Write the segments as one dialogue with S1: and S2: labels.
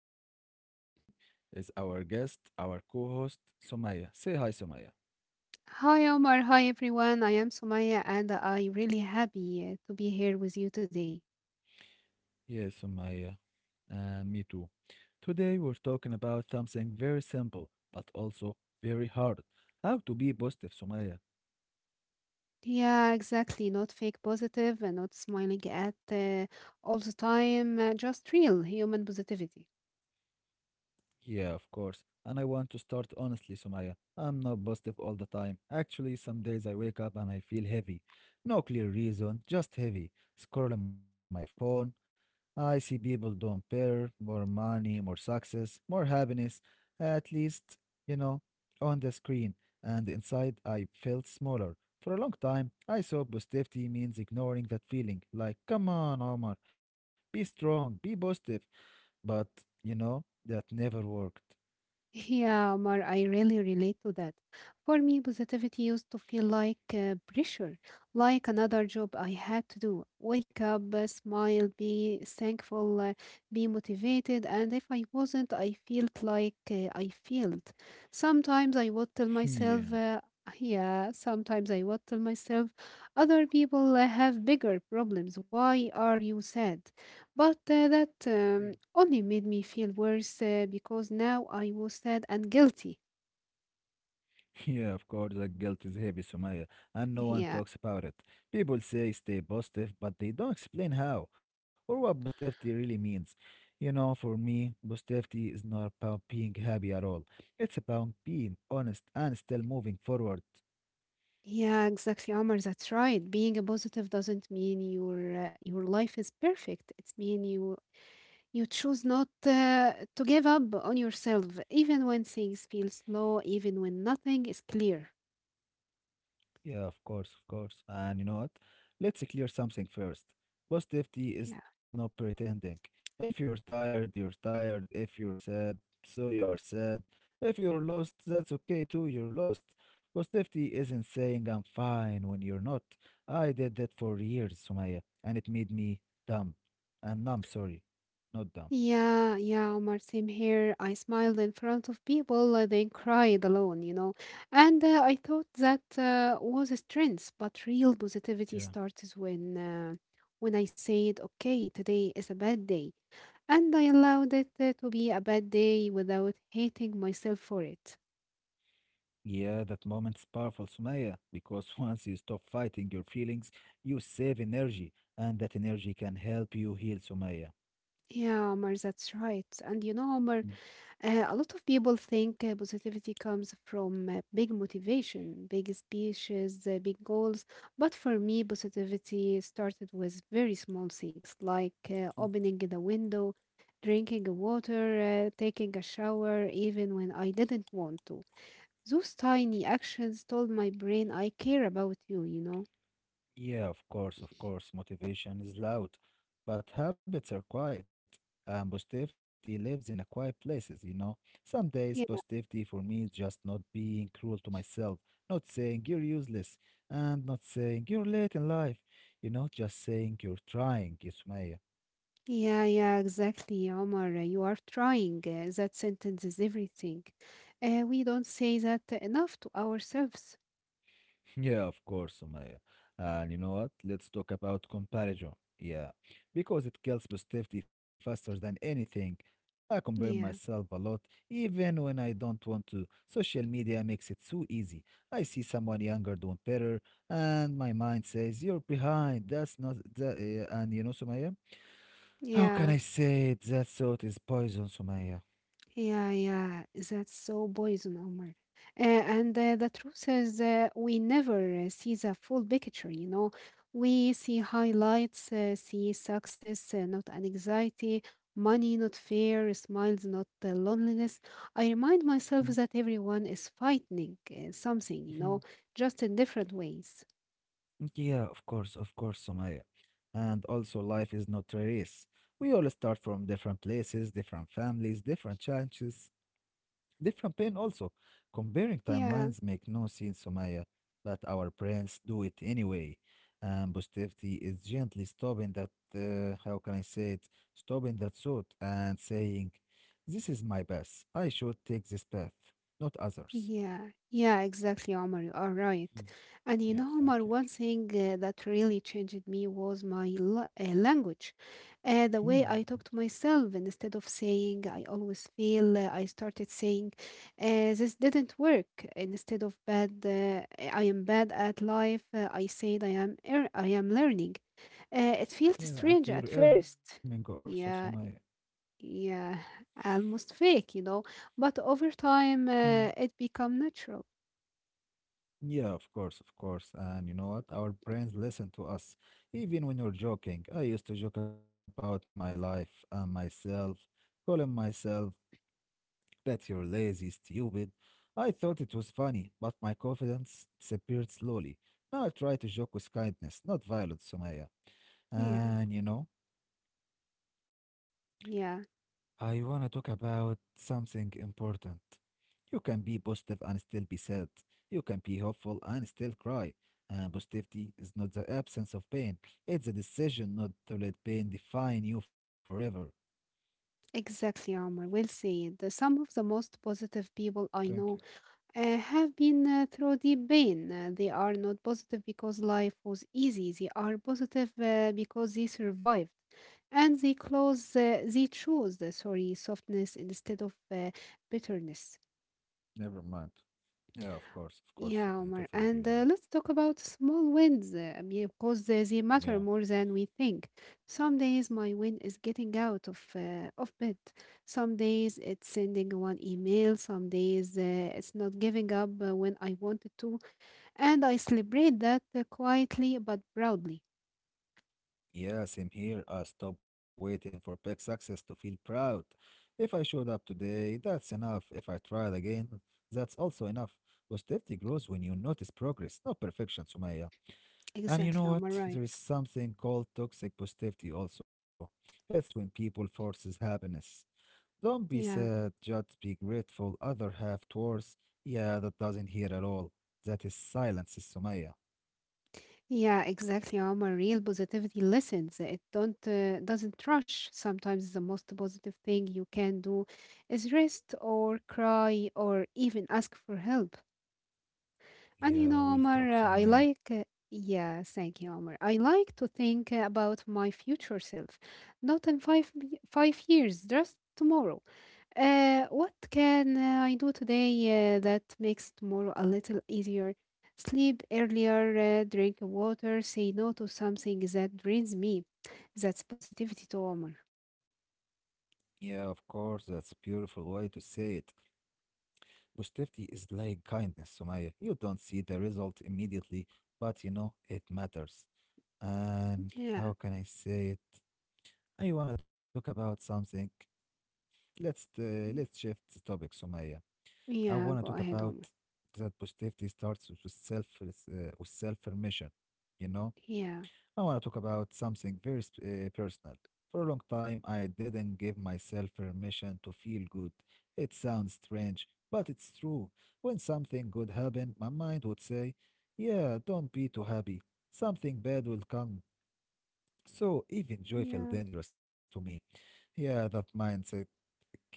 S1: And with me today is our guest, our co host, Somaya. Say hi, Somaya.
S2: Hi Omar, hi everyone. I am Sumaya and I really happy to be here with you today.
S1: Yes, Somaya, and me too. Today, we're talking about something very simple, but also very hard, how to be positive, Somaya.
S2: Yeah, exactly. Not fake positive and not smiling at all the time, just real human positivity.
S1: Yeah, of course. And I want to start honestly, Somaya. I'm not positive all the time. Actually, some days I wake up and I feel heavy. No clear reason, just heavy. Scrolling my phone, I see people don't pair more money, more success, more happiness, at least, you know, on the screen. And inside, I felt smaller. For a long time, I saw positivity means ignoring that feeling. Like, come on, Omar, be strong, be positive. But, you know, that never worked.
S2: Yeah, Omar, I really relate to that. For me, positivity used to feel like pressure, like another job I had to do. Wake up, smile, be thankful, be motivated. And if I wasn't, I felt like I failed. Sometimes I
S1: Yeah.
S2: would tell myself, yeah, sometimes I would tell myself, other people have bigger problems. Why are you sad? But that only made me feel worse because now I was sad and guilty.
S1: Yeah, of course, that guilt is heavy, Sumaya, and no one talks about it.
S2: Yeah,
S1: People say stay positive, but they don't explain how or what positivity really means. You know, for me, positivity is not about being happy at all. It's about being honest and still moving forward.
S2: yeah, exactly, Omar. That's right. Being a positive doesn't mean your life is perfect. It means you choose not to give up on yourself, even when things feel slow, even when nothing is clear.
S1: Yeah, of course, of course. And you know what? Let's clear something first. Positivity is no pretending. If you're tired, you're tired. If you're sad, so you're sad. If you're lost, that's okay too, you're lost. Positivity isn't saying I'm fine when you're not. I did that for years, Sumaya, and it made me dumb. And numb, sorry. Not dumb.
S2: Yeah, yeah, Omar, same here. I smiled in front of people, then cried alone, you know. And I thought that was a strength, but real
S1: Yeah.
S2: positivity starts when I said, "Okay, today is a bad day," and I allowed it to be a bad day without hating myself for it.
S1: Yeah, that moment's powerful, Sumaya, because once you stop fighting your feelings, you save energy, and that energy can help you heal, Sumaya.
S2: Yeah, Omar, that's right. And you know, Omar.
S1: Mm.
S2: A lot of people think positivity comes from big motivation, big speeches, big goals. But for me, positivity started with very small things like opening the window, drinking water, taking a shower, even when I didn't want to. Those tiny actions told my brain I care about you, you know?
S1: Yeah, of course, motivation is loud, but habits are quiet, and positivity lives in a quiet places, you know. Some days, positivity for me is just not being cruel to myself, not saying you're useless, and not saying you're late in life, you know, just saying you're trying, Sumaya.
S2: Yeah, yeah, exactly, Omar. You are trying. That sentence is everything. We don't say that enough to ourselves.
S1: Yeah, of course, Sumaya. And you know what? Let's talk about comparison. Yeah, because it kills positivity faster than anything. I compare myself a lot,
S2: Yeah,
S1: even when I don't want to. Social media makes it so easy. I see someone younger doing better, and my mind says, "You're behind." That's not that. And you know, Sumaya, how can
S2: yeah.
S1: I say it? That thought is poison, Sumaya.
S2: Yeah, yeah, that's so poison, Omar. And the truth is, we never see the full picture, you know. We see highlights, see success, not anxiety, money, not fear, smiles, not loneliness. I remind myself that everyone is fighting something, you know, just in different ways.
S1: Yeah, of course, Somaya. And also, life is not a race. We all start from different places, different families, different challenges, different pain also. Comparing
S2: Yeah.
S1: timelines make no sense, Somaya, but our brains do it anyway. And positivity is gently stopping that, how can I say it, stopping that thought and saying, this is my path. I should take this path, not others.
S2: Yeah, yeah, exactly, Omar. You are right.
S1: Mm.
S2: And you
S1: Yeah,
S2: know, Omar,
S1: thank you.
S2: one thing that really changed me was my language. The
S1: Hmm.
S2: way I talk to myself, and instead of saying, I always feel, I started saying, this didn't work. And instead of bad, I am bad at life, I said, I am learning. It
S1: Yeah,
S2: felt
S1: and you're
S2: strange at
S1: earning
S2: first.
S1: also, Somaya.
S2: Yeah, yeah, almost fake, you know, but over time
S1: Mm.
S2: it become natural.
S1: Yeah, of course, of course. And you know what? Our brains listen to us, even when you're joking. I used to joke about my life and myself, calling myself that you're lazy, stupid. I thought it was funny, but my confidence disappeared slowly. Now I try to joke with kindness, not violence, Sumaya.
S2: Yeah,
S1: And you know?
S2: yeah,
S1: I want to talk about something important. You can be positive and still be sad. You can be hopeful and still cry. And positivity is not the absence of pain, it's a decision not to let pain define you forever.
S2: exactly, Omar. Well said. Some of the most positive
S1: Thank you.
S2: people I know have been through deep pain. They are not positive because life was easy. They are positive because they survived, and they close. They chose the sorry softness instead of bitterness.
S1: Never mind. Yeah, of course, of course. I
S2: Yeah,
S1: totally
S2: Omar.
S1: agree with you.
S2: And let's talk about small wins because they matter
S1: Yeah.
S2: more than we think. Some days my win is getting out of bed. Some days it's sending one email. Some days it's not giving up when I wanted to. And I celebrate that quietly but proudly.
S1: Yeah, same here. I stop waiting for big success to feel proud. If I showed up today, that's enough. If I tried again, that's also enough. Positivity grows when you notice progress, not perfection, Sumaya. And you know
S2: Exactly, Omar.
S1: what? There
S2: Right.
S1: is something called toxic positivity also. It's when people forces happiness. Don't be sad,
S2: Yeah.
S1: just be grateful. Other half towards. Yeah, that doesn't hear at all. That is silence, Sumaya.
S2: Yeah, exactly, Omar. Real positivity listens. It don't doesn't rush. Sometimes the most positive thing you can do is rest or cry or even ask for help. And you
S1: Yeah,
S2: know,
S1: we'll talk,
S2: Omar, I
S1: Sumaya.
S2: like. Yeah, thank you, Omar. I like to think about my future self, not in 5 years, just tomorrow. What can I do today that makes tomorrow a little easier? Sleep earlier, drink water, say no to something that drains me. That's positivity to Omar.
S1: Yeah, of course, that's a beautiful way to say it. Positivity is like kindness, Sumaya. You don't see the result immediately, but you know it matters. And
S2: Yeah.
S1: how can I say it? I wanna talk about something. Let's shift the topic, Sumaya. I wanna talk
S2: Yeah, go
S1: about
S2: ahead, Omar.
S1: that positivity starts with self permission. You know.
S2: Yeah.
S1: I want to talk about something very personal. For a long time, I didn't give myself permission to feel good. It sounds strange, but it's true. When something good happened, my mind would say, yeah, don't be too happy. Something bad will come. So even joy felt
S2: Yeah.
S1: dangerous to me. Yeah, that mindset killed my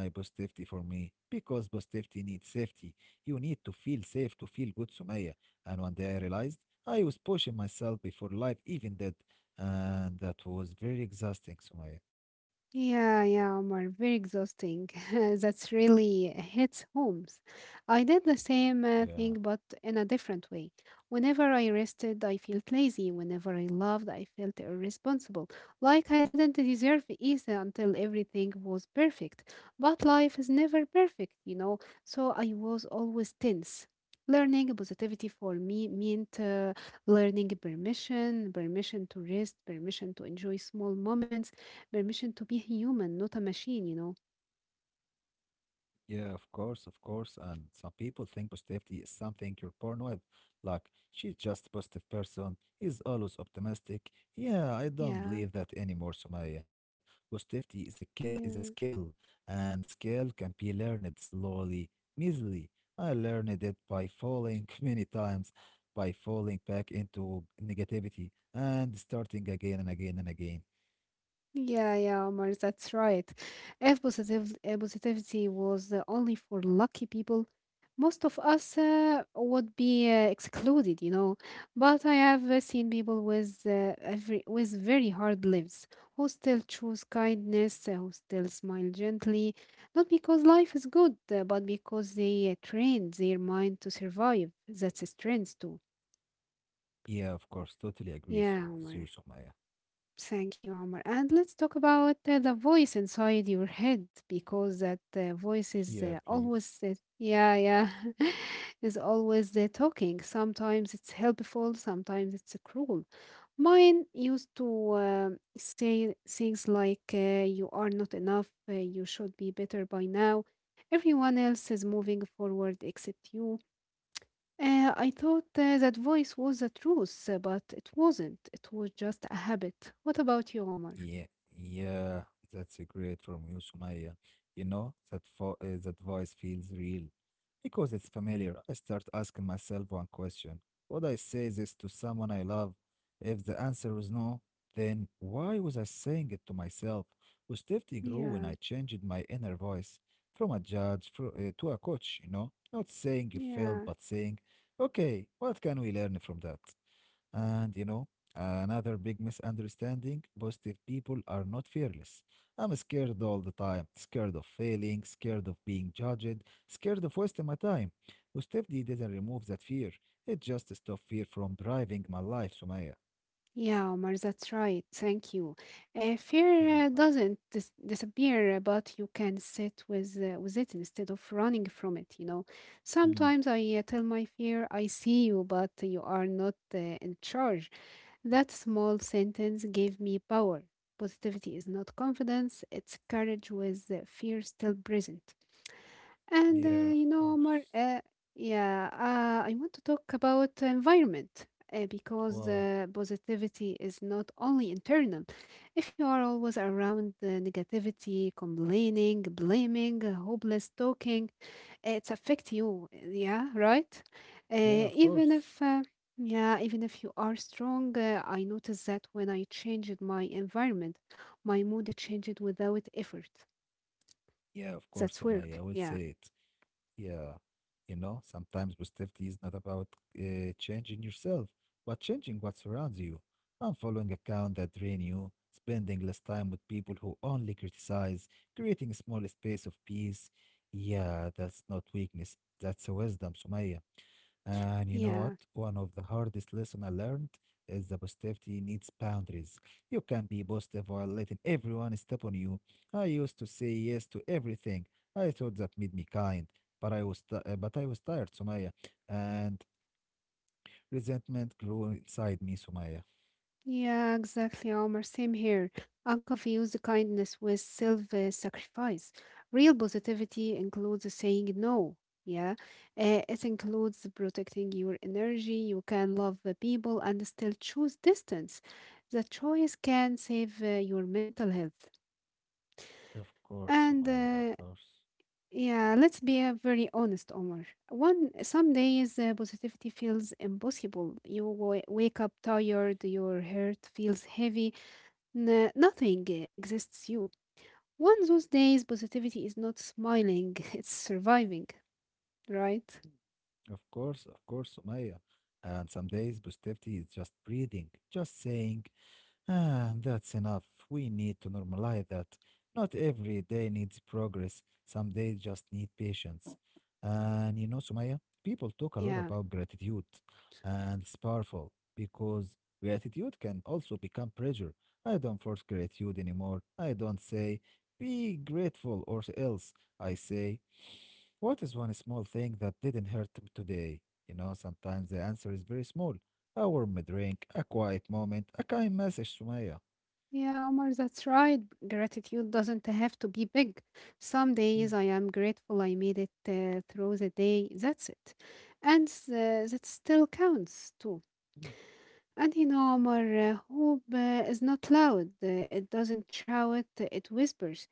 S1: positivity for me because positivity needs safety. You need to feel safe to feel good, Sumaya. And one day I realized I was pushing myself before life even did, and that was very exhausting, Sumaya.
S2: Yeah, yeah, Omar, very exhausting. That's really hits homes. I did the same thing,
S1: Yeah.
S2: but in a different way. Whenever I rested, I felt lazy. Whenever I loved, I felt irresponsible. Like I didn't deserve ease until everything was perfect. But life is never perfect, you know, so I was always tense. Learning positivity for me meant learning permission, permission to rest, permission to enjoy small moments, permission to be human, not a machine, you know.
S1: Yeah, of course, of course. And some people think positivity is something you're born with. Like, she's just a positive person. He's always optimistic. Yeah, I
S2: Yeah,
S1: don't believe that anymore, Sumaya. Positivity is
S2: yeah,
S1: a skill, and skill can be learned slowly, easily. I learned it by falling many times, by falling back into negativity and starting again and again and again.
S2: yeah, yeah, Omar, that's right. If positivity was only for lucky people, most of us would be excluded, you know. But I have seen people with with very hard lives who still choose kindness, who still smile gently, not because life is good, but because they trained their mind to survive. That's a strength too.
S1: Yeah, of course, totally agree
S2: Yeah,
S1: so with you,
S2: Omar.
S1: Sumaya.
S2: Thank you, Omar. And let's talk about the voice inside your head because that
S1: Yeah,
S2: voice is
S1: please.
S2: always, is always talking. Sometimes it's helpful, sometimes it's cruel. Mine used to say things like, you are not enough, you should be better by now. Everyone else is moving forward except you. I thought that voice was the truth, but it wasn't. It was just a habit. What about you, Omar?
S1: Yeah, yeah, that's a great from you, Sumaya. You know, that voice feels real because it's familiar. I start asking myself one question. Would I say this to someone I love? If the answer was no, then why was I saying it to myself? Hostility grew when
S2: Yeah,
S1: I changed my inner voice from a judge fro to a coach, you know, not saying you
S2: yeah.
S1: failed, but saying, okay, what can we learn from that? And you know, another big misunderstanding, positive people are not fearless. I'm scared all the time, scared of failing, scared of being judged, scared of wasting my time. Positivity does not remove that fear, it just stops fear from driving my life, Sumaya.
S2: Yeah, Omar, that's right. Thank you. Fear
S1: Welcome.
S2: doesn't disappear, but you can sit with it instead of running from it. You know,
S1: Mm,
S2: sometimes I tell my fear, "I see you, but you are not in charge." That small sentence gave me power. Positivity is not confidence; it's courage with fear still present. And
S1: yeah, of
S2: you know, Omar,
S1: course.
S2: yeah, I want to talk about environment because
S1: Wow.
S2: positivity is not only internal. If you are always around negativity, complaining, blaming, hopeless talking, it affect you. Yeah, right.
S1: Yeah,
S2: Uh,
S1: of
S2: even
S1: course.
S2: if. Yeah, even if you are strong, I noticed that when I changed my environment, my mood changed without effort.
S1: Yeah, of course,
S2: That's
S1: Sumaya. I
S2: work.
S1: will
S2: Yeah.
S1: say it. Yeah, you know, sometimes positivity is not about changing yourself, but changing what surrounds you. Unfollowing accounts that drain you, spending less time with people who only criticize, creating a small space of peace. Yeah, that's not weakness, that's wisdom, Sumaya. And you know what?
S2: Yeah.
S1: One of the hardest lessons I learned is that positivity needs boundaries. You can be positive while letting everyone step on you. I used to say yes to everything. I thought that made me kind, but but I was tired, Sumaya, and resentment grew inside me, Sumaya.
S2: Yeah, exactly, Omar. Same here. I confuse kindness with self-sacrifice. Real positivity includes saying no. Yeah, it includes protecting your energy. You can love the people and still choose distance. The choice can save your mental health.
S1: Of course,
S2: And
S1: Sumaya, of course.
S2: yeah, let's be very honest, Omar. One some days positivity feels impossible. You wake up tired. Your heart feels heavy. Nothing exists you. One those days, positivity is not smiling, it's surviving, right?
S1: Of course, of course, Sumaya. And some days positivity is just breathing, just saying, ah, that's enough. We need to normalize that. Not every day needs progress. Some days just need patience. And you know, Sumaya, people talk a lot
S2: Yeah,
S1: about gratitude, and it's powerful because gratitude can also become pressure. I don't force gratitude anymore. I don't say, be grateful or else. I say, what is one small thing that didn't hurt me today? You know, sometimes the answer is very small. A warm drink, a quiet moment, a kind message, Sumaya.
S2: yeah, Omar, that's right. Gratitude doesn't have to be big. Some
S1: Mhm.
S2: days I am grateful I made it through the day, that's it. And that still counts too. Adhinomar, hope is not loud. It doesn't shout, it whispers.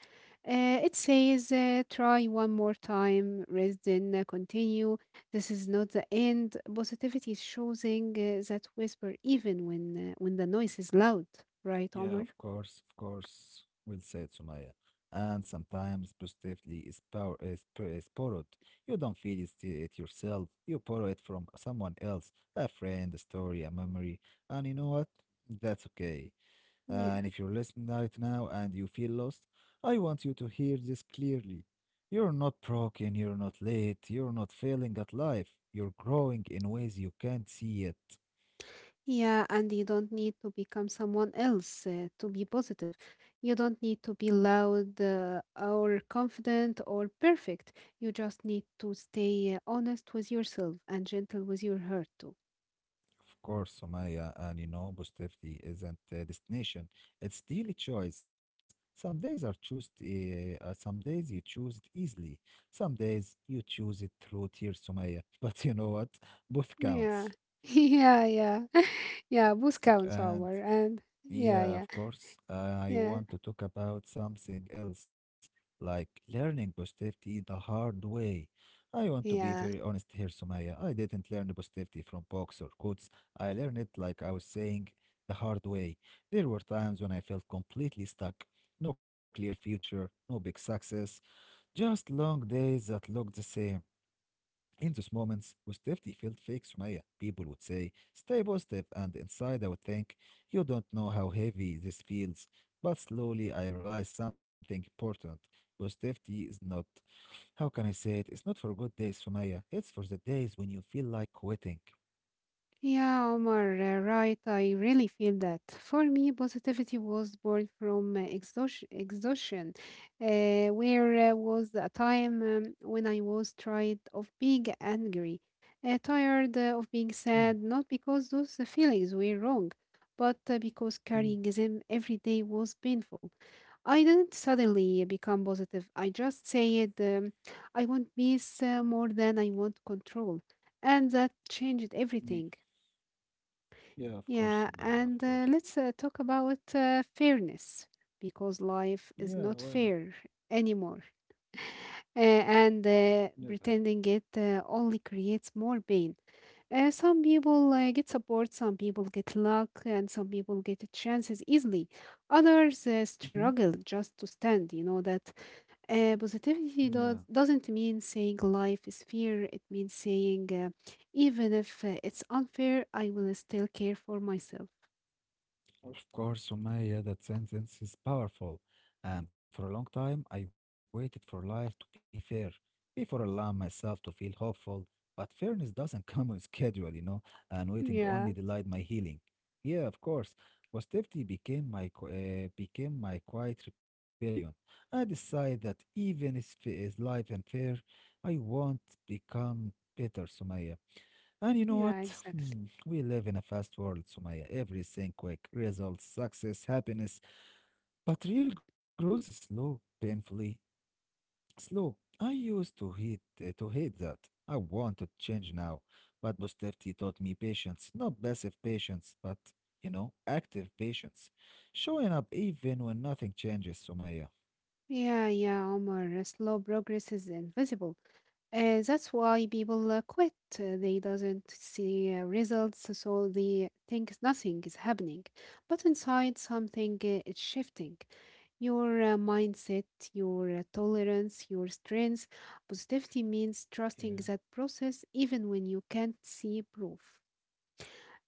S2: It says, try one more time, rest then continue. This is not the end. Positivity is choosing that whisper even when the noise is loud, right,
S1: Yeah,
S2: Omar?
S1: of course, of course. Well said, Sumaya. And sometimes positively is power is, is borrowed. You don't feel it, it yourself. You borrow it from someone else, a friend, a story, a memory. And you know what? That's okay.
S2: Yeah.
S1: And if you're listening right now and you feel lost, I want you to hear this clearly. You're not broken, you're not late, you're not failing at life. You're growing in ways you can't see yet.
S2: Yeah, and you don't need to become someone else to be positive. You don't need to be loud or confident or perfect. You just need to stay honest with yourself and gentle with your heart too.
S1: Of course, Sumaya, and you know, positivity isn't a destination, it's daily choice. Some days you choose it easily, some days you choose it through tears, Sumaya. But you know what? Both counts.
S2: Yeah. Yeah, yeah. Yeah, both
S1: And
S2: counts, our. And
S1: yeah, of
S2: yeah,
S1: course.
S2: yeah,
S1: I want to talk
S2: yeah,
S1: about something else, like learning positivity the hard way. I want to be very honest here, Sumaya.
S2: yeah.
S1: I didn't learn the positivity from books or quotes. I learned it, like I was saying, the hard way. There were times when I felt completely stuck. No clear future, no big success, just long days that looked the same. In those moments, positivity felt fake, Sumaya. People would say, stay positive, and inside I would think, you don't know how heavy this feels. But slowly I realized something important. Positivity is not, how can I say it? It's not for good days, Sumaya. It's for the days when you feel like quitting.
S2: Yeah, Omar, right. I really feel that. For me, positivity was born from exhaustion where was a time when I was tired of being angry, tired
S1: Mm,
S2: of being sad, not because those feelings were wrong, but
S1: mm,
S2: because carrying them every day was painful. I didn't suddenly become positive. I just said, I want peace more than I want control. And that
S1: Yeah,
S2: changed everything.
S1: yeah, of course, Sumaya, of
S2: Yeah,
S1: course.
S2: and let's talk about fairness because
S1: Yeah,
S2: life
S1: why
S2: is
S1: not?
S2: not fair anymore. And
S1: Never.
S2: pretending it only creates more pain. Some people get support, some people get luck, and some people get chances easily. Others
S1: Hmm.
S2: struggle just to stand. You know that
S1: Yeah.
S2: positivity doesn't mean saying life is fair, it means saying even if it's unfair, I will still care for myself.
S1: Of course, Sumaya, that sentence is powerful. And for a long time, I waited for life to be fair, before allowing myself to feel hopeful. But fairness doesn't come on schedule, you know, and waiting
S2: Yeah,
S1: only delayed my healing. Yeah, of course. Positivity became my became my quiet rebellion. I decided that even if is life unfair, I won't become bitter, Sumaya. And you know
S2: yeah,
S1: what?
S2: exactly.
S1: We live in a fast world, Sumaya. Quick, results, success, happiness. But real growth is slow, painfully slow. I used to hate that. I want to change now. But Bustefti taught me patience, not passive patience, but you know, active patience. Showing up even when nothing changes, Sumaya.
S2: Yeah, yeah, Omar. Slow progress is invisible. That's why people quit. They doesn't see results, so they think nothing is happening. But inside, something is shifting. Your mindset, your tolerance, your strengths. Positivity means trusting
S1: Yeah.
S2: that process even when you can't see proof.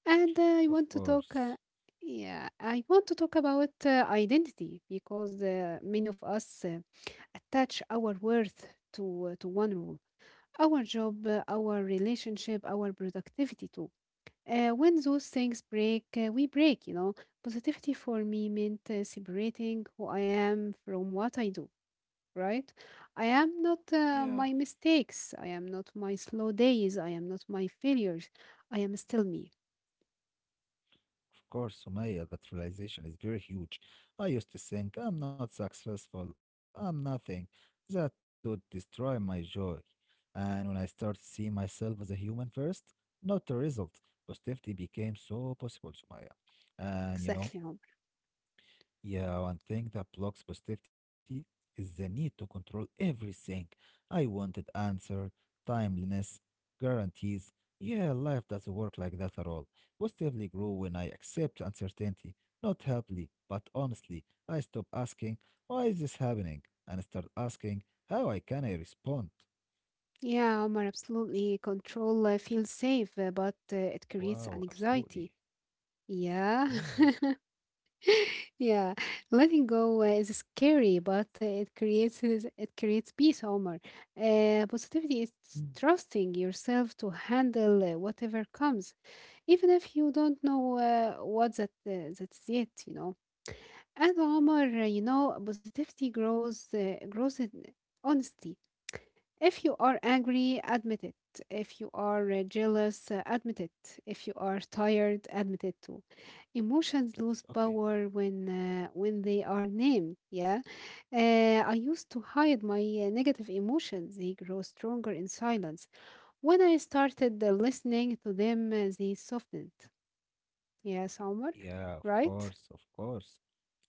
S2: And I want
S1: Of
S2: to talk,
S1: course.
S2: yeah, I want to talk about identity because many of us attach our worth to one role, our job, our relationship, our productivity too. When those things break, we break. You know, positivity for me meant separating who I am from what I do. Right? I am not
S1: Yeah.
S2: my mistakes. I am not my slow days. I am not my failures. I am still me.
S1: Of course, Sumaya, that realization is very huge. I used to think I'm not successful, I'm nothing. That would destroy my joy. And when I started seeing myself as a human first, not a result, positivity became so possible, Sumaya. And you know,
S2: Exactly, Omar.
S1: yeah, one thing that blocks positivity is the need to control everything. I wanted answer, timeliness, guarantees. Life doesn't work like that at all. Positively grow when I accept uncertainty, not happily, but honestly. I stop asking, why is this happening? And start asking, how I can I respond?
S2: Yeah, Omar, absolutely. Control feels safe, but it creates an
S1: Wow,
S2: anxiety.
S1: absolutely.
S2: Yeah,
S1: Yeah.
S2: yeah. Letting go is scary, but it creates it creates peace, Omar. Positivity is
S1: Hmm.
S2: trusting yourself to handle whatever comes, even if you don't know what that's yet, you know. And Omar, you know, positivity grows in honesty. If you are angry, admit it. If you are jealous, admit it. If you are tired, admit it too. Emotions lose
S1: Okay.
S2: power when when they are named. Yeah. I used to hide my negative emotions. They grow stronger in silence. When I started listening to them, they softened. Yes, Omar,
S1: Yeah, of
S2: right?
S1: course, of course.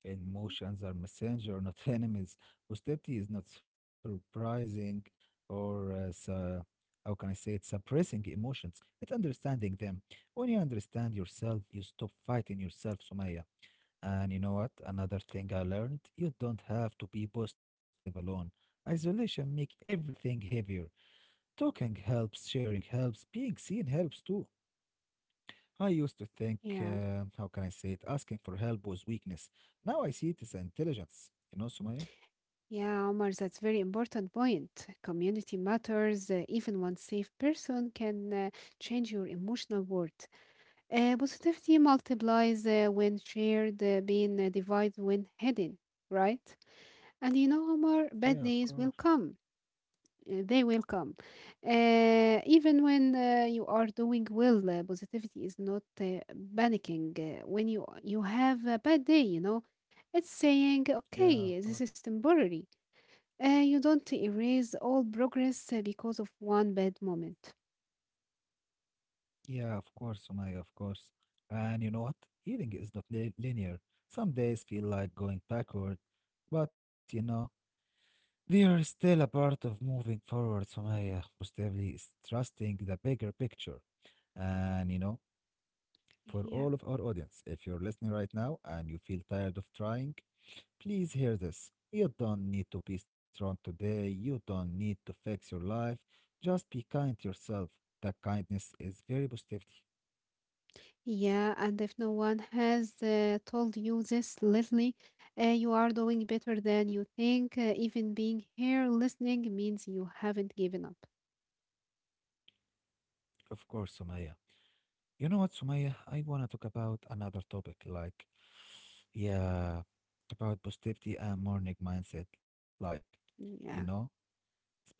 S1: Emotions are messenger, not enemies. Hostility is not surprising or how can I say it? Suppressing emotions. It's understanding them. When you understand yourself, you stop fighting yourself, Sumaya. And you know what? Another thing I learned: you don't have to be positive alone. Isolation make everything heavier. Talking helps, sharing helps, being seen helps too. I used to think,
S2: Yeah.
S1: how can I say it, asking for help was weakness. Now I see it as intelligence. You know, Sumaya?
S2: Yeah, Omar, that's very important point. Community matters, even one safe person can change your emotional world. Positivity multiplies when shared, being divided when hidden, right? And you know,
S1: Yeah,
S2: Omar,
S1: of
S2: bad
S1: course.
S2: days will come. They will come. Even when you are doing well, positivity is not panicking. When you have a bad day, you know, it's saying,
S1: Yeah, of
S2: okay, this
S1: course.
S2: is temporary you don't erase all progress because of one bad moment.
S1: Yeah, of course, Sumaya, of course. And you know what? Healing is not linear. Some days feel like going backward, but you know, they are still a part of moving forward, Sumaya. Most heavily is trusting the bigger picture. And you know, for all of
S2: Yeah.
S1: our audience, if you're listening right now and you feel tired of trying, please hear this. You don't need to be strong today. You don't need to fix your life. Just be kind to yourself. That kindness is very positivity.
S2: Yeah, and if no one has told you this lately, you are doing better than you think. Even being here listening means you haven't given up.
S1: Of course, Sumaya. You know what, Sumaya? I wanna talk about another topic, like yeah, about positivity and morning mindset. Like, you know.
S2: Yeah.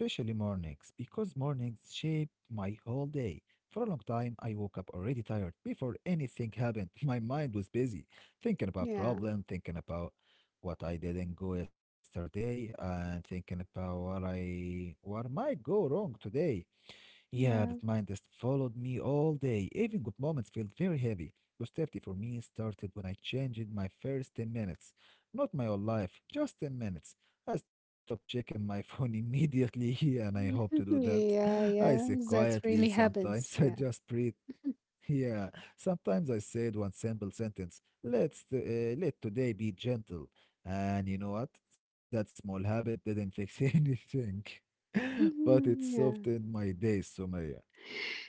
S1: Especially mornings, because mornings shape my whole day. For a long time, I woke up already tired. Before anything happened, my mind was busy
S2: Yeah.
S1: thinking about problem, thinking about what I didn't go yesterday, and thinking about what might go wrong today. Yeah,
S2: Yeah.
S1: that mind just followed me all day. Felt very heavy. Positivity for me started when I changed my first 10 minutes. Not my whole life, just 10 minutes. I stopped checking my phone immediately, and I hope to do that. I sit
S2: yeah. Yeah.
S1: quietly
S2: That really
S1: sometimes. I just
S2: happens. Yeah.
S1: breathe. Yeah, sometimes I said one simple sentence. Let today be gentle. And you know what? That small habit didn't fix anything, but it softened my
S2: yeah.
S1: day, Sumaya.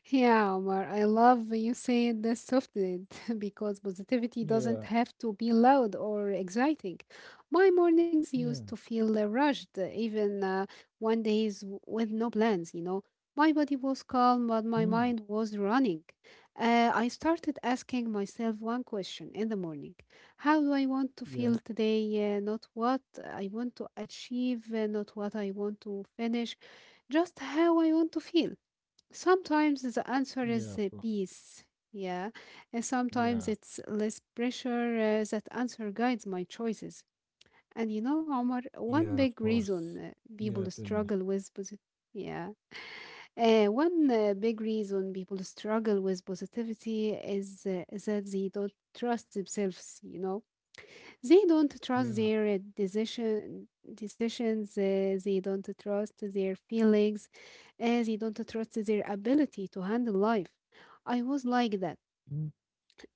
S2: Yeah, Omar, I love when you say this softly because positivity doesn't
S1: Yeah,
S2: have to be loud or exciting. My mornings used
S1: yeah,
S2: to feel rushed, even one days with no plans, you know. My body was calm,
S1: mm,
S2: but my mind was running. I started asking myself one question in the morning. How do I want to
S1: yeah,
S2: feel today? Not what I want to achieve, not what I want to finish, just how I want to feel. Sometimes the
S1: yeah, of
S2: answer
S1: course.
S2: is peace. Yeah. And
S1: Yeah,
S2: sometimes it's less pressure. That answer guides my choices. And you know, Omar,
S1: yeah, of
S2: one big
S1: course.
S2: reason
S1: Yeah, tell me.
S2: people struggle with yeah, one big reason people struggle with positivity is that they don't trust themselves. You know, they don't trust
S1: Yeah,
S2: their decisions. They don't trust their feelings as you don't trust their ability to handle life. I was like that.
S1: mm,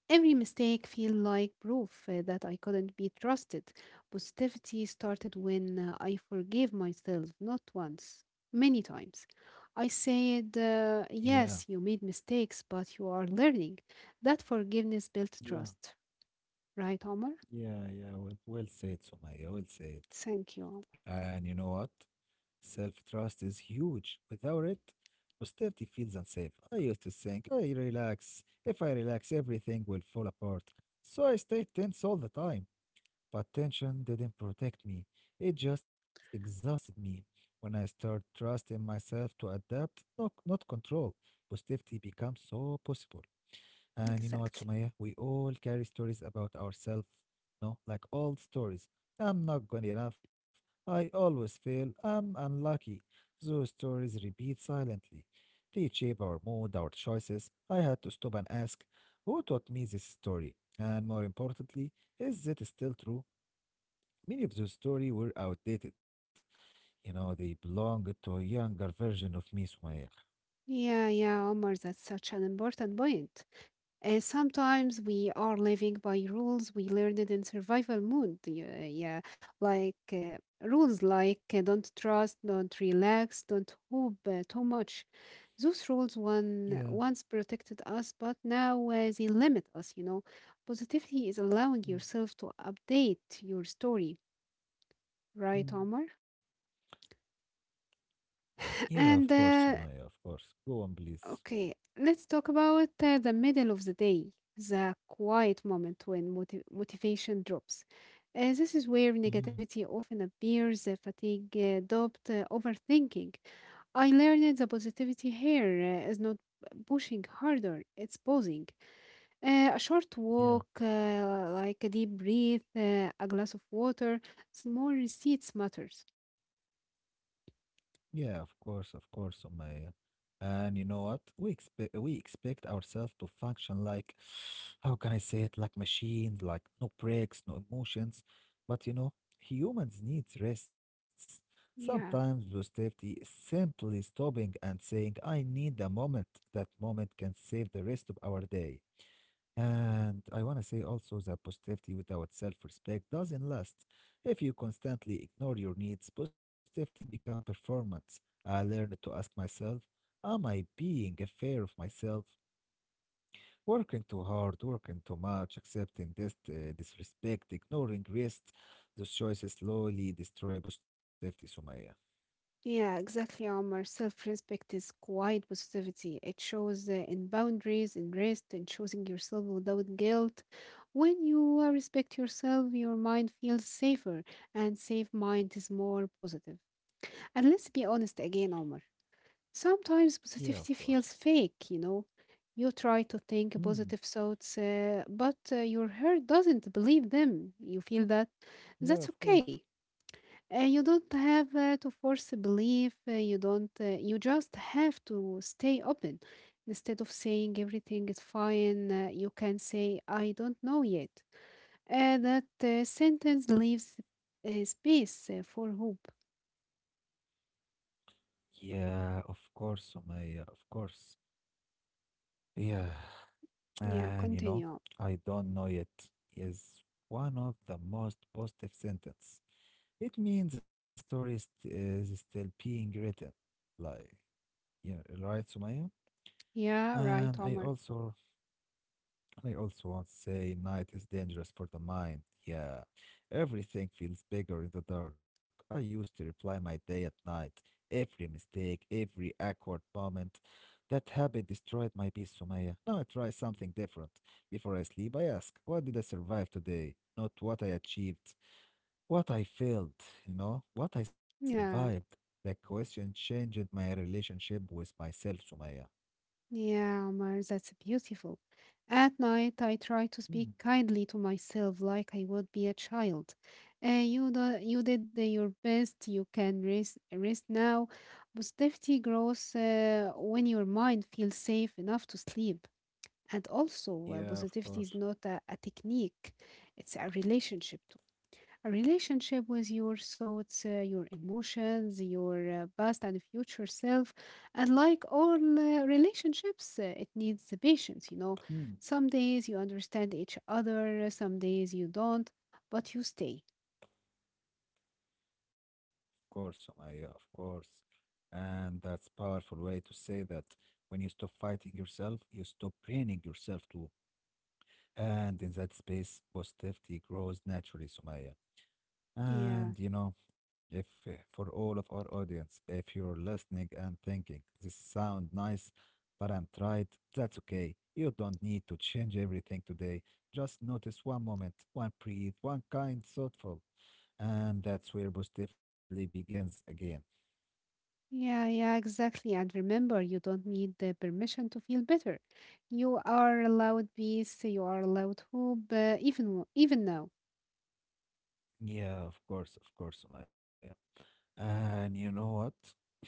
S2: Every mistake feel like proof that I couldn't be trusted. Positivity started when I forgave myself, not once, many times. I said,
S1: yeah,
S2: yes, you made mistakes, but you are learning. That forgiveness built
S1: yeah,
S2: trust. Right, Omar?
S1: yeah. Well, well said, Sumaya, well said.
S2: Thank you, Omar.
S1: And you know what? Self trust is huge. Without it, positivity feels unsafe. I used to think, I relax. If I relax, everything will fall apart. So I stayed tense all the time. But tension didn't protect me, it just exhausted me. When I start trusting myself to adapt, not control, positivity becomes so possible. And you know what, Sumaya?
S2: Exactly.
S1: We all carry stories about ourselves, no? Like old stories. I'm not good enough. I always fail. I'm unlucky. Those stories repeat silently. They shape our mood, our choices. I had to stop and ask, who taught me this story? And more importantly, is it still true? Many of those stories were outdated. You know, they belonged to a younger version of me, Sumaya.
S2: Yeah, yeah, Omar, that's such an important point. Sometimes we are living by rules we learned in survival mode. Yeah, yeah. Like rules like don't trust, don't relax, don't hope too much. Those rules
S1: Yeah.
S2: one once protected us, but now they limit us. You know, positivity is allowing
S1: Mm,
S2: yourself to update your story, right,
S1: mm.
S2: Omar?
S1: Yeah, of course,
S2: And
S1: Sumaya, of course. Go on, please.
S2: okay, let's talk about the middle of the day, the quiet moment when motivation drops. This is where
S1: Mhm.
S2: negativity often appears, fatigue, doubt, overthinking. I learned the positivity here is not pushing harder, it's pausing. A short walk,
S1: Yeah,
S2: like a deep breath, a glass of water, small receipts matters.
S1: yeah, of course, Sumaya. And you know what? We expect ourselves to function like, how can I say it? Like machines, like no breaks, no emotions. But you know, humans need rests.
S2: Yeah.
S1: Sometimes the safety is simply stopping and saying, "I need a moment." That moment can save the rest of our day. And I want to say also that positivity without self respect doesn't last. If you constantly ignore your needs, positivity becomes performance. I learned to ask myself, am I being fair of myself? Working too hard, working too much, accepting this disrespect, ignoring rest. Those choices slowly destroy positivity, Sumaya.
S2: Yeah, exactly, Omar. Self-respect is quiet positivity. It shows in boundaries, in rest, in choosing yourself without guilt. When you respect yourself, your mind feels safer, and safe mind is more positive. And let's be honest again, Omar. Sometimes
S1: Yeah, of
S2: positivity
S1: course.
S2: feels fake, you know. You try to think
S1: Hmm.
S2: positive thoughts, but your heart doesn't believe them. You feel that
S1: Yeah,
S2: that's
S1: of course.
S2: okay you don't have to force belief. You don't. You just have to stay open. Instead of saying everything is fine, you can say I don't know yet. That sentence leaves space for hope.
S1: Yeah, of course, Sumaya, of course. Yeah. And
S2: Yeah,
S1: you know,
S2: continue.
S1: I don't know yet is one of the most positive sentence. It means the story is still being written. Like, you know, right, Sumaya?
S2: Yeah,
S1: And
S2: right, Omar.
S1: I also want to say night is dangerous for the mind. Yeah, everything feels bigger in the dark. I used to reply my day at night. Every mistake, every awkward moment. That habit destroyed my peace, Sumaya. Now I try something different. Before I sleep, I ask, what did I survive today? Not what I achieved, what I failed, you know, what I survived.
S2: Yeah.
S1: That question changed my relationship with myself, Sumaya.
S2: Yeah, Omar, that's beautiful. At night, I try to
S1: Hmm.
S2: speak kindly to myself like I would be a child. You, do, you did your best, you can rest now. Positivity grows when your mind feels safe enough to sleep. And also,
S1: Yeah, of
S2: positivity is
S1: course.
S2: not a technique, it's a relationship with your thoughts, your emotions, your past and future self. And like all relationships, it needs the patience, you
S1: Hmm.
S2: know. Some days you understand each other, some days you don't, but you stay.
S1: Course, Sumaya, of course. And that's powerful way to say that when you stop fighting yourself, you stop training yourself too. And in that space, positivity grows naturally, Sumaya.
S2: Yeah.
S1: And you know, if for all of our audience, if you're listening and thinking this sound nice, but I'm tired, that's okay. You don't need to change everything today. Just notice one moment, one breathe, one kind, thoughtful, and that's where positively begins again.
S2: Yeah, yeah, exactly. And remember, you don't need the permission to feel better. You are allowed peace, you are allowed hope, even even now.
S1: Yeah, of course, Maya. And you know what?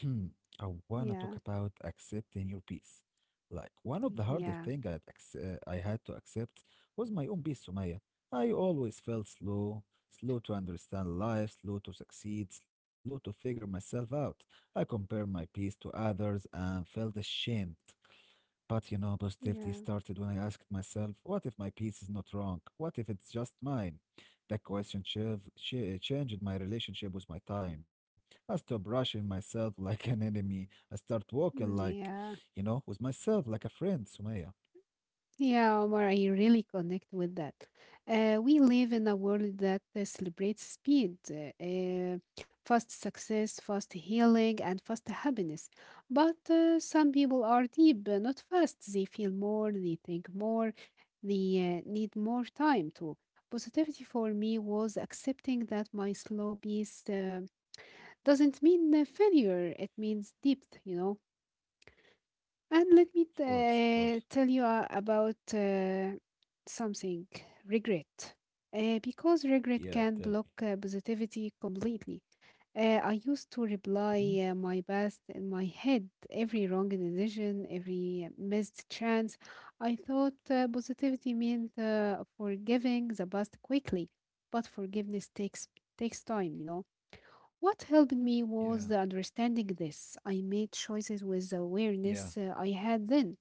S1: I wanna talk about
S2: Yeah,
S1: accepting your peace. Like one of the hardest thing I had,
S2: yeah,
S1: I had to accept was my own peace, Maya. I always felt slow, slow to understand life, slow to succeed, slow to figure myself out. I compare my peace to others and felt ashamed. But you know, positivity started
S2: yeah,
S1: when I asked myself, what if my piece is not wrong? What if it's just mine? That question changed my relationship with my time. I stopped brushing myself like an enemy. I start walking like, you know,
S2: yeah.
S1: with myself like a friend, Sumaya.
S2: Yeah, Omar, I really connect with that. We live in a world that celebrates speed, fast success, fast healing, and fast happiness. But some people are deep, not fast. They feel more, they think more, they need more time to. Positivity for me was accepting that my slow pace doesn't mean failure, it means depth, you know.
S1: Of
S2: And let me
S1: course, of course.
S2: tell you about something regret. Because regret can
S1: Yeah,
S2: block
S1: tell me.
S2: positivity completely. I used to
S1: Mhm.
S2: reply my best in my head, every wrong decision, every missed chance. I thought positivity meant forgiving the past quickly, but forgiveness takes time, you know. What helped me was
S1: Yeah,
S2: the understanding this. I made choices with the
S1: yeah,
S2: awareness I had then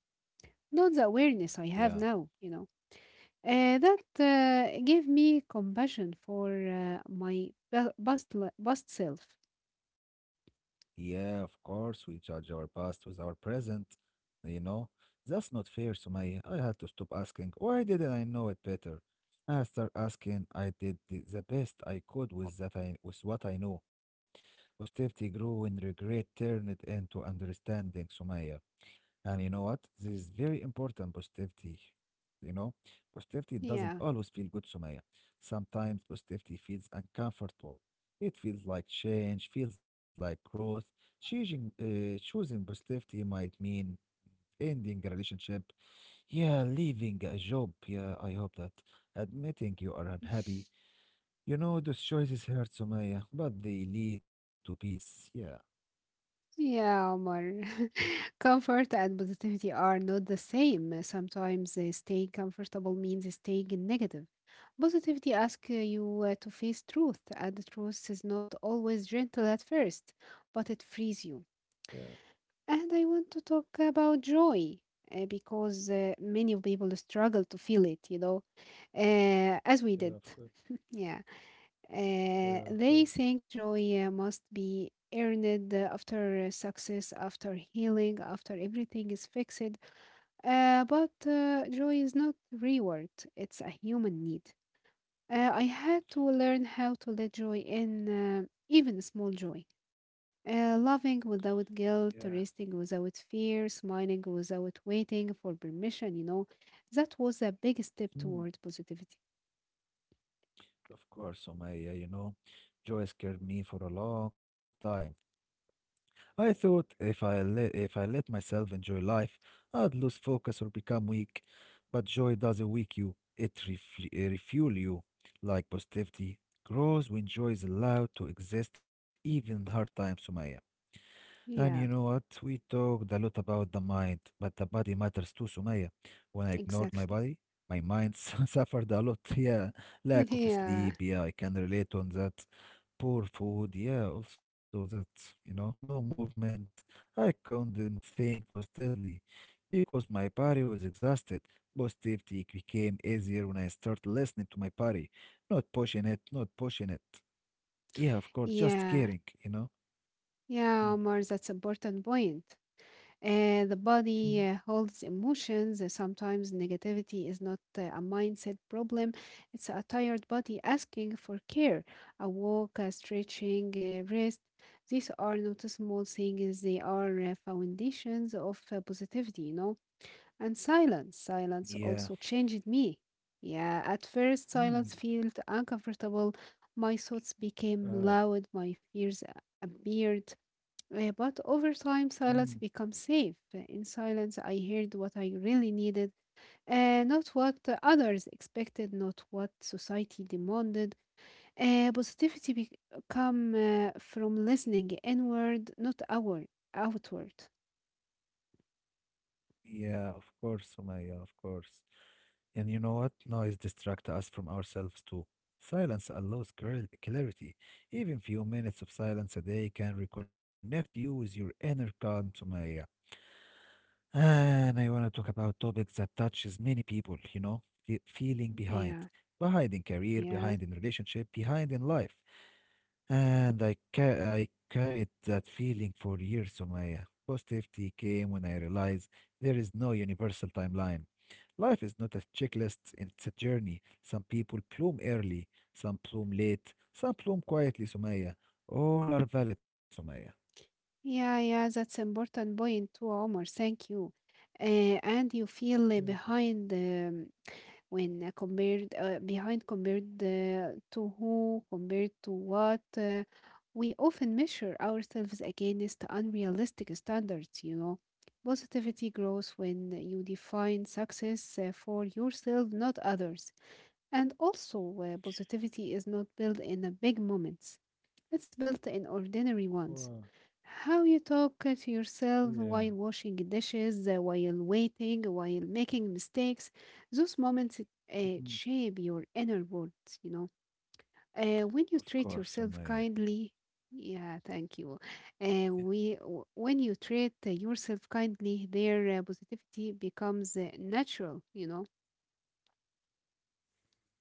S2: not the awareness I have
S1: yeah.
S2: now, you know. That gave me compassion for my bu- bust, li- bust self.
S1: yeah. of course, we judge our past with our present. You know, that's not fair, Sumaya. I had to stop why didn't I know it better? I start asking, I did the best I could with that I with what I know. Positivity grew when regret turned into understanding, Sumaya. And you know what? This is very important positivity. You know, positivity doesn't
S2: Yeah,
S1: always feel good, Sumaya. Sometimes positivity feels uncomfortable. It feels like change, feels like growth. Choosing positivity might mean ending a relationship. Yeah, leaving a job. Yeah, I hope that. Admitting you are unhappy. You know, those choices hurt, Sumaya, but they lead to peace. Yeah.
S2: yeah, Omar. Comfort and positivity are not the same. Sometimes staying comfortable means staying in negative. Positivity asks you to face truth, and the truth is not always gentle at first, but it frees you.
S1: Yeah,
S2: And I want to talk about joy because many people struggle to feel it, you know, as we
S1: yeah, of
S2: did.
S1: course.
S2: Yeah.
S1: Yeah, of
S2: They
S1: course.
S2: think joy must be earned after success, after healing, after everything is fixed. But joy is not reward, it's a human need. I had to learn how to let joy in, even small joy. Loving without guilt, resting without fear, smiling without waiting for permission, you know, that was a big step toward
S1: Yeah.
S2: positivity.
S1: Of course, Omaya, you know, joy scared me for a long time. I thought if I let myself enjoy life, I'd lose focus or become weak. Joy doesn't weak you; it refuel you. Like positivity grows when joy is allowed to exist, even in hard times, Omaya. And you know
S2: Yeah,
S1: what? We talked a lot about the mind, but the body matters too, Sumaya. When I ignored my body,
S2: exactly.
S1: my mind suffered a lot. Yeah, lack of
S2: Yeah,
S1: sleep. Yeah, I can relate on that. Poor food. Yeah, also that, you know, no movement. I couldn't think positively because my body was exhausted. Positivity became easier when I started listening to my body, not pushing it. Yeah, of course, just caring,
S2: yeah,
S1: you know. Yeah.
S2: yeah, Omar, that's important point. The
S1: Mm.
S2: body holds emotions. Sometimes negativity is not a mindset problem, it's a tired body asking for care. A walk, a stretching, a rest. These are not small things, they are foundations of positivity, you know. And silence.
S1: Yeah.
S2: Silence also changed me. Yeah, at first,
S1: Mm.
S2: silence felt uncomfortable. My thoughts became
S1: Oh.
S2: loud, my fears appeared. But over time,
S1: Mm.
S2: silence becomes safe. In silence, I heard what I really needed, not what others expected, not what society demanded. Positivity come from listening inward, not outward. Outward.
S1: Yeah, of course, Sumaya, of course. And you know what? Noise distracts us from ourselves too. Silence allows clarity. Even few minutes of silence a day can reconnect you with your inner calm, Sumaya. And I want to talk about topics that touches many people, you know, feeling
S2: Yeah,
S1: behind. Behind
S2: yeah,
S1: in relationship, behind in life. And I carried that feeling for years, Sumaya. Positivity came when I realized there is no universal timeline. Life is not a checklist, it's a journey. Some people bloom early, some bloom late, some bloom quietly, Sumaya. All are valid, Sumaya.
S2: yeah, yeah. That's important point too, Omar. Thank you. And you
S1: You're welcome.
S2: feel behind. When compared behind compared to who compared to what we often measure ourselves against unrealistic standards, you know, positivity grows when you define success for yourself, not others. And also, positivity is not built in the big moments, it's built in ordinary
S1: Wow.
S2: ones, how you talk to
S1: Yeah.
S2: yourself while washing dishes, while waiting, while making mistakes. Those moments
S1: Mhm.
S2: shape your inner world, you know. When you
S1: Of
S2: treat
S1: course,
S2: yourself
S1: Sumaya.
S2: kindly, yeah, thank you. We, when you treat yourself kindly, their positivity becomes natural, you know.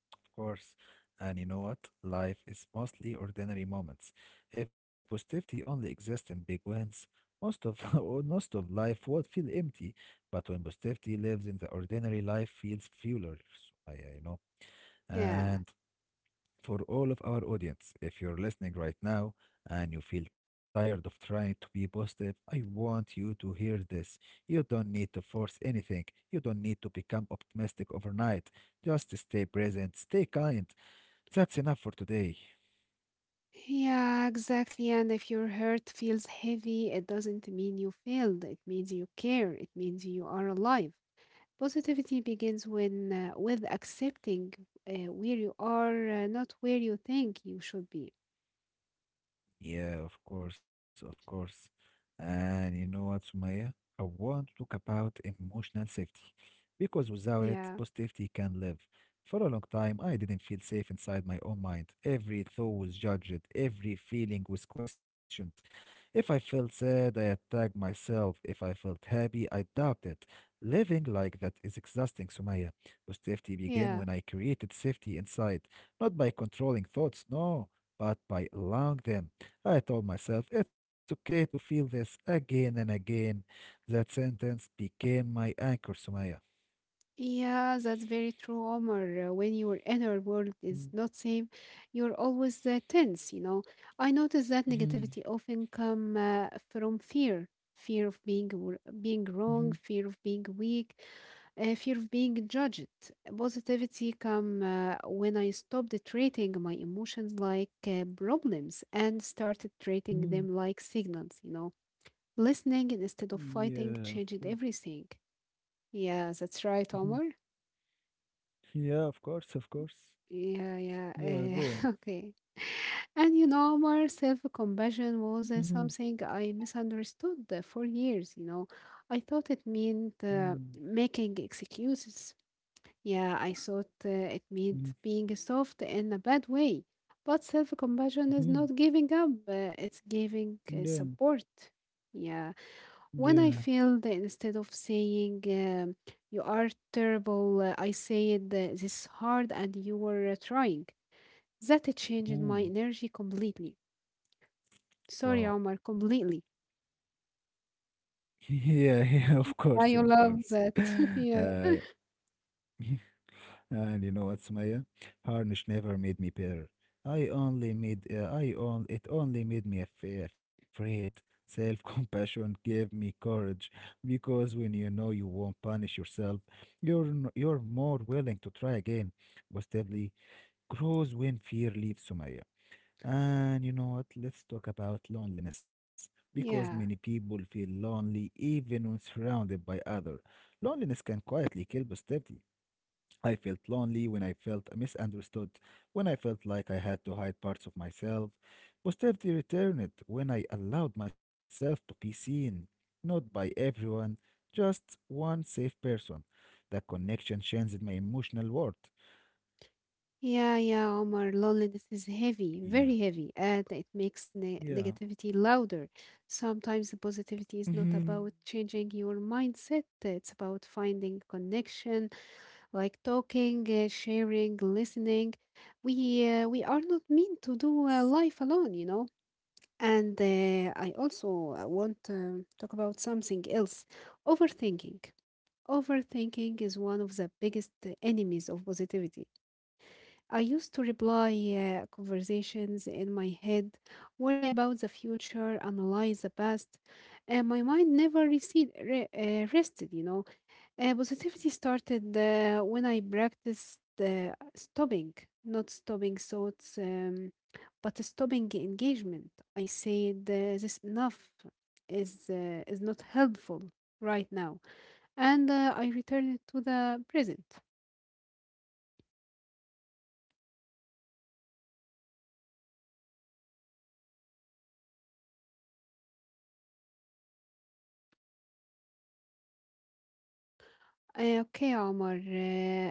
S1: Course. And you know what? Life is mostly ordinary moments. If positivity only exists in big wins, most of or most of life would feel empty. But when positivity lives in the ordinary, life feels fuller. So I know. And
S2: Yeah.
S1: for all of our audience, if you're listening right now and you feel tired of trying to be positive, I want you to hear this. You don't need to force anything. You don't need to become optimistic overnight. Just stay present, stay kind, that's enough for today.
S2: Yeah, exactly. And if your heart feels heavy, it doesn't mean you failed. It means you care. It means you are alive. Positivity begins when with accepting where you are, not where you think you should be.
S1: Yeah, of course, of course. And you know what, Sumaya? I want to talk about emotional safety because without it,
S2: Yeah,
S1: positivity can live. For a long time, I didn't feel safe inside my own mind. Every thought was judged, every feeling was questioned. If I felt sad, I attacked myself. If I felt happy, I doubted. Living like that is exhausting, Sumaya. Positivity
S2: yeah,
S1: began when I created safety inside, not by controlling thoughts, no, but by allowing them. I told myself it's okay to feel this again and again. That sentence became my anchor, Sumaya.
S2: yeah. That's very true, Omar. When your inner world is not safe, you're always tense. You know, I notice that negativity often
S1: Mm-hmm.
S2: come from fear, fear of being wrong,
S1: hmm
S2: fear of being weak, fear of being judged. Positivity come when I stopped treating my emotions like problems and started treating them like
S1: hmm
S2: signals, you know. Listening instead of fighting
S1: Yeah, of
S2: changed
S1: course.
S2: everything. Yeah, that's right, Omar.
S1: hmm Yeah, of course, of course.
S2: Yeah, yeah.
S1: Yeah,
S2: Okay.
S1: go on.
S2: And you know, Omar, self-compassion was
S1: hmm
S2: something I misunderstood for years, you know. I thought it meant
S1: mm
S2: making excuses. Yeah, I thought it meant being soft in a bad way. But self compassion is not giving
S1: Mm-hmm.
S2: up, it's giving support.
S1: Yeah,
S2: Yeah. When I
S1: yeah.
S2: failed, instead of saying, you are terrible, I said, this is hard and you were trying. That changed my energy
S1: hmm
S2: completely. Sorry, Omar,
S1: Wow.
S2: completely.
S1: Yeah, yeah, of course,
S2: I
S1: of
S2: love
S1: course.
S2: that. yeah.
S1: Uh, And you know what, Sumaya? Never made me better. I only made I on it only made me af- Afraid. Self-compassion gave me courage because when you know you won't punish yourself, you're more willing to try again. Positively grows when fear leaves Sumaya. And you know what? Let's talk about loneliness because many
S2: Yeah.
S1: people feel lonely even when surrounded by others. Loneliness can quietly kill positivity. I felt lonely, when I felt misunderstood, when I felt like I had to hide parts of myself. Positivity returned when I allowed myself to be seen, not by everyone, just one safe person. That connection changed my emotional world.
S2: Yeah, yeah, Omar, loneliness is heavy,
S1: Yeah.
S2: very heavy, and it makes ne
S1: Yeah.
S2: negativity louder. Sometimes the positivity
S1: hmm
S2: is not about changing your mindset, it's about finding connection, like talking,
S1: Of course,
S2: sharing,
S1: Sumaya, go on,
S2: listening.
S1: go on, please.
S2: We are not meant to do life alone, you know. And I also
S1: Yeah, of
S2: want
S1: course.
S2: to talk about something else, overthinking. Overthinking is one of the biggest enemies of positivity. I used to reply conversations in my head, worry about the future, analyze the past, and my mind never rested, you know. Positivity started when I practiced stopping, not stopping thoughts, but stopping engagement. I said, this enough is not helpful right now. And I returned to the present. Okay, Omar,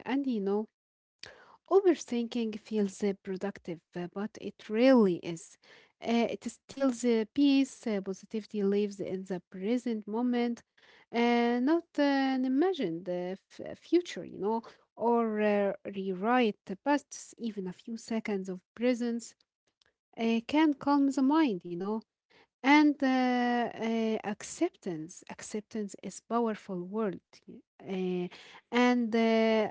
S2: and you know, overthinking feels productive, but it really is. It steals peace, positivity lives in the present moment, not an imagined future, you know, or rewrite the past. Even a few seconds of presence can calm the mind, you know. And acceptance, acceptance is powerful word, uh, and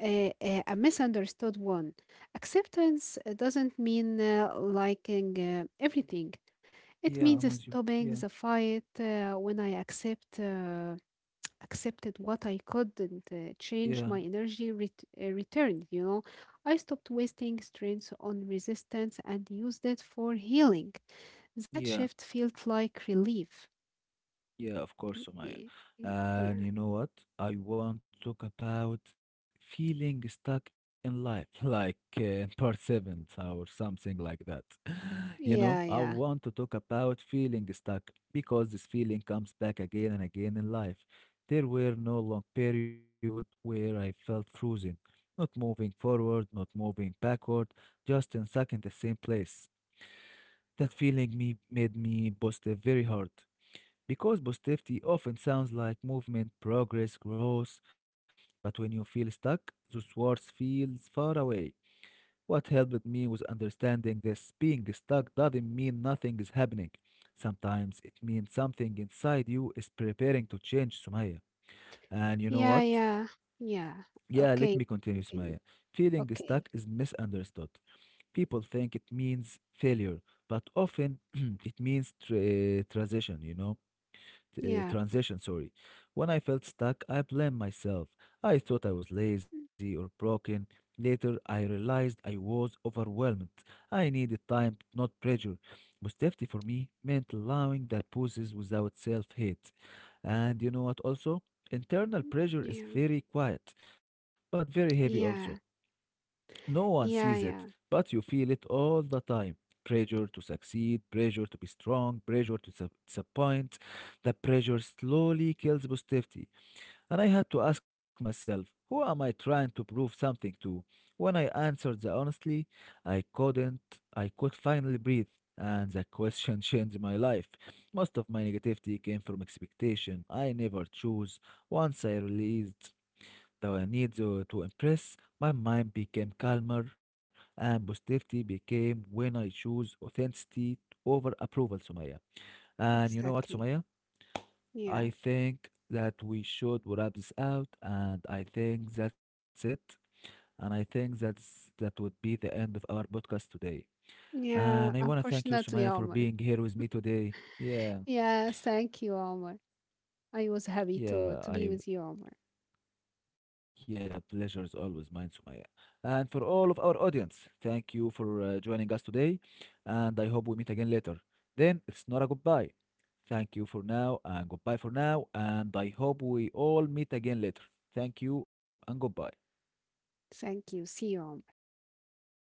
S2: a misunderstood one. Acceptance doesn't mean liking everything. It means stopping
S1: Yeah,
S2: the
S1: I'm with you.
S2: fight
S1: Yeah,
S2: when I accepted what I couldn't change, my energy
S1: yeah,
S2: returned, you know. I stopped wasting strength on resistance and used it for healing. That shift felt like
S1: yeah,
S2: relief. Y- y-
S1: yeah, of course, Sumaya. And you know what? I want to talk about feeling stuck in life, like part seven or something like that. You
S2: Yeah, yeah,
S1: know, I
S2: yeah,
S1: want to talk about feeling stuck because this feeling comes back again and again in life. There were no long period where I felt frozen, not moving forward, not moving backward, just in stuck in the same place. That feeling me made me positive very hard because positivity often sounds like movement, progress, growth, but when you feel stuck, those words feels far away. What helped me was understanding this stuck doesn't mean nothing is happening. Sometimes it means something inside you is preparing to change, Sumaya. And you know
S2: yeah,
S1: what?
S2: yeah, yeah.
S1: Yeah, let
S2: Okay,
S1: me continue,
S2: continue.
S1: Sumaya. Feeling
S2: Okay,
S1: stuck is misunderstood. People think it means but often it means transition, you know?
S2: yeah,
S1: Transition, sorry. When I felt stuck, I blamed myself. I thought I was
S2: mm,
S1: lazy or broken. Later, I realized I was overwhelmed. I needed time, not. Positivity for me meant allowing that pauses without self hate. And you know what, also? Internal pressure is
S2: yeah,
S1: very quiet, but very heavy
S2: yeah,
S1: also. No one
S2: yeah,
S1: sees it,
S2: yeah,
S1: but you feel it all the time. Pressure to succeed, pressure to be strong, disappoint. The pressure slowly kills positivity. And I had to ask myself, who am I trying to prove something to? When I answered the honestly, I couldn't, I could finally breathe. And the question changed my life. Most of my negativity came from expectation I never chose once I released the need to impress, my mind became calmer and positivity became when I choose authenticity over approval, Sumaya. And you know what,
S2: exactly.
S1: Sumaya?
S2: Yeah,
S1: I think that we should wrap this out, and I think that's it. And I think that would be the end of our podcast today. And I want to
S2: yeah,
S1: thank you, Sumaya, for
S2: unfortunately,
S1: being
S2: Omar.
S1: here with me today. Yeah,
S2: Yeah, thank you, Omar. I was happy to be
S1: yeah,
S2: with you,
S1: I
S2: Omar.
S1: Yeah, pleasure is always mine, Sumaya. And for all of our audience, thank you for joining us today. And I hope we meet again later. Then it's not a goodbye. Thank you for now and goodbye for now. And I hope we all meet again later. Thank you and goodbye.
S2: Thank you. See you, Omar.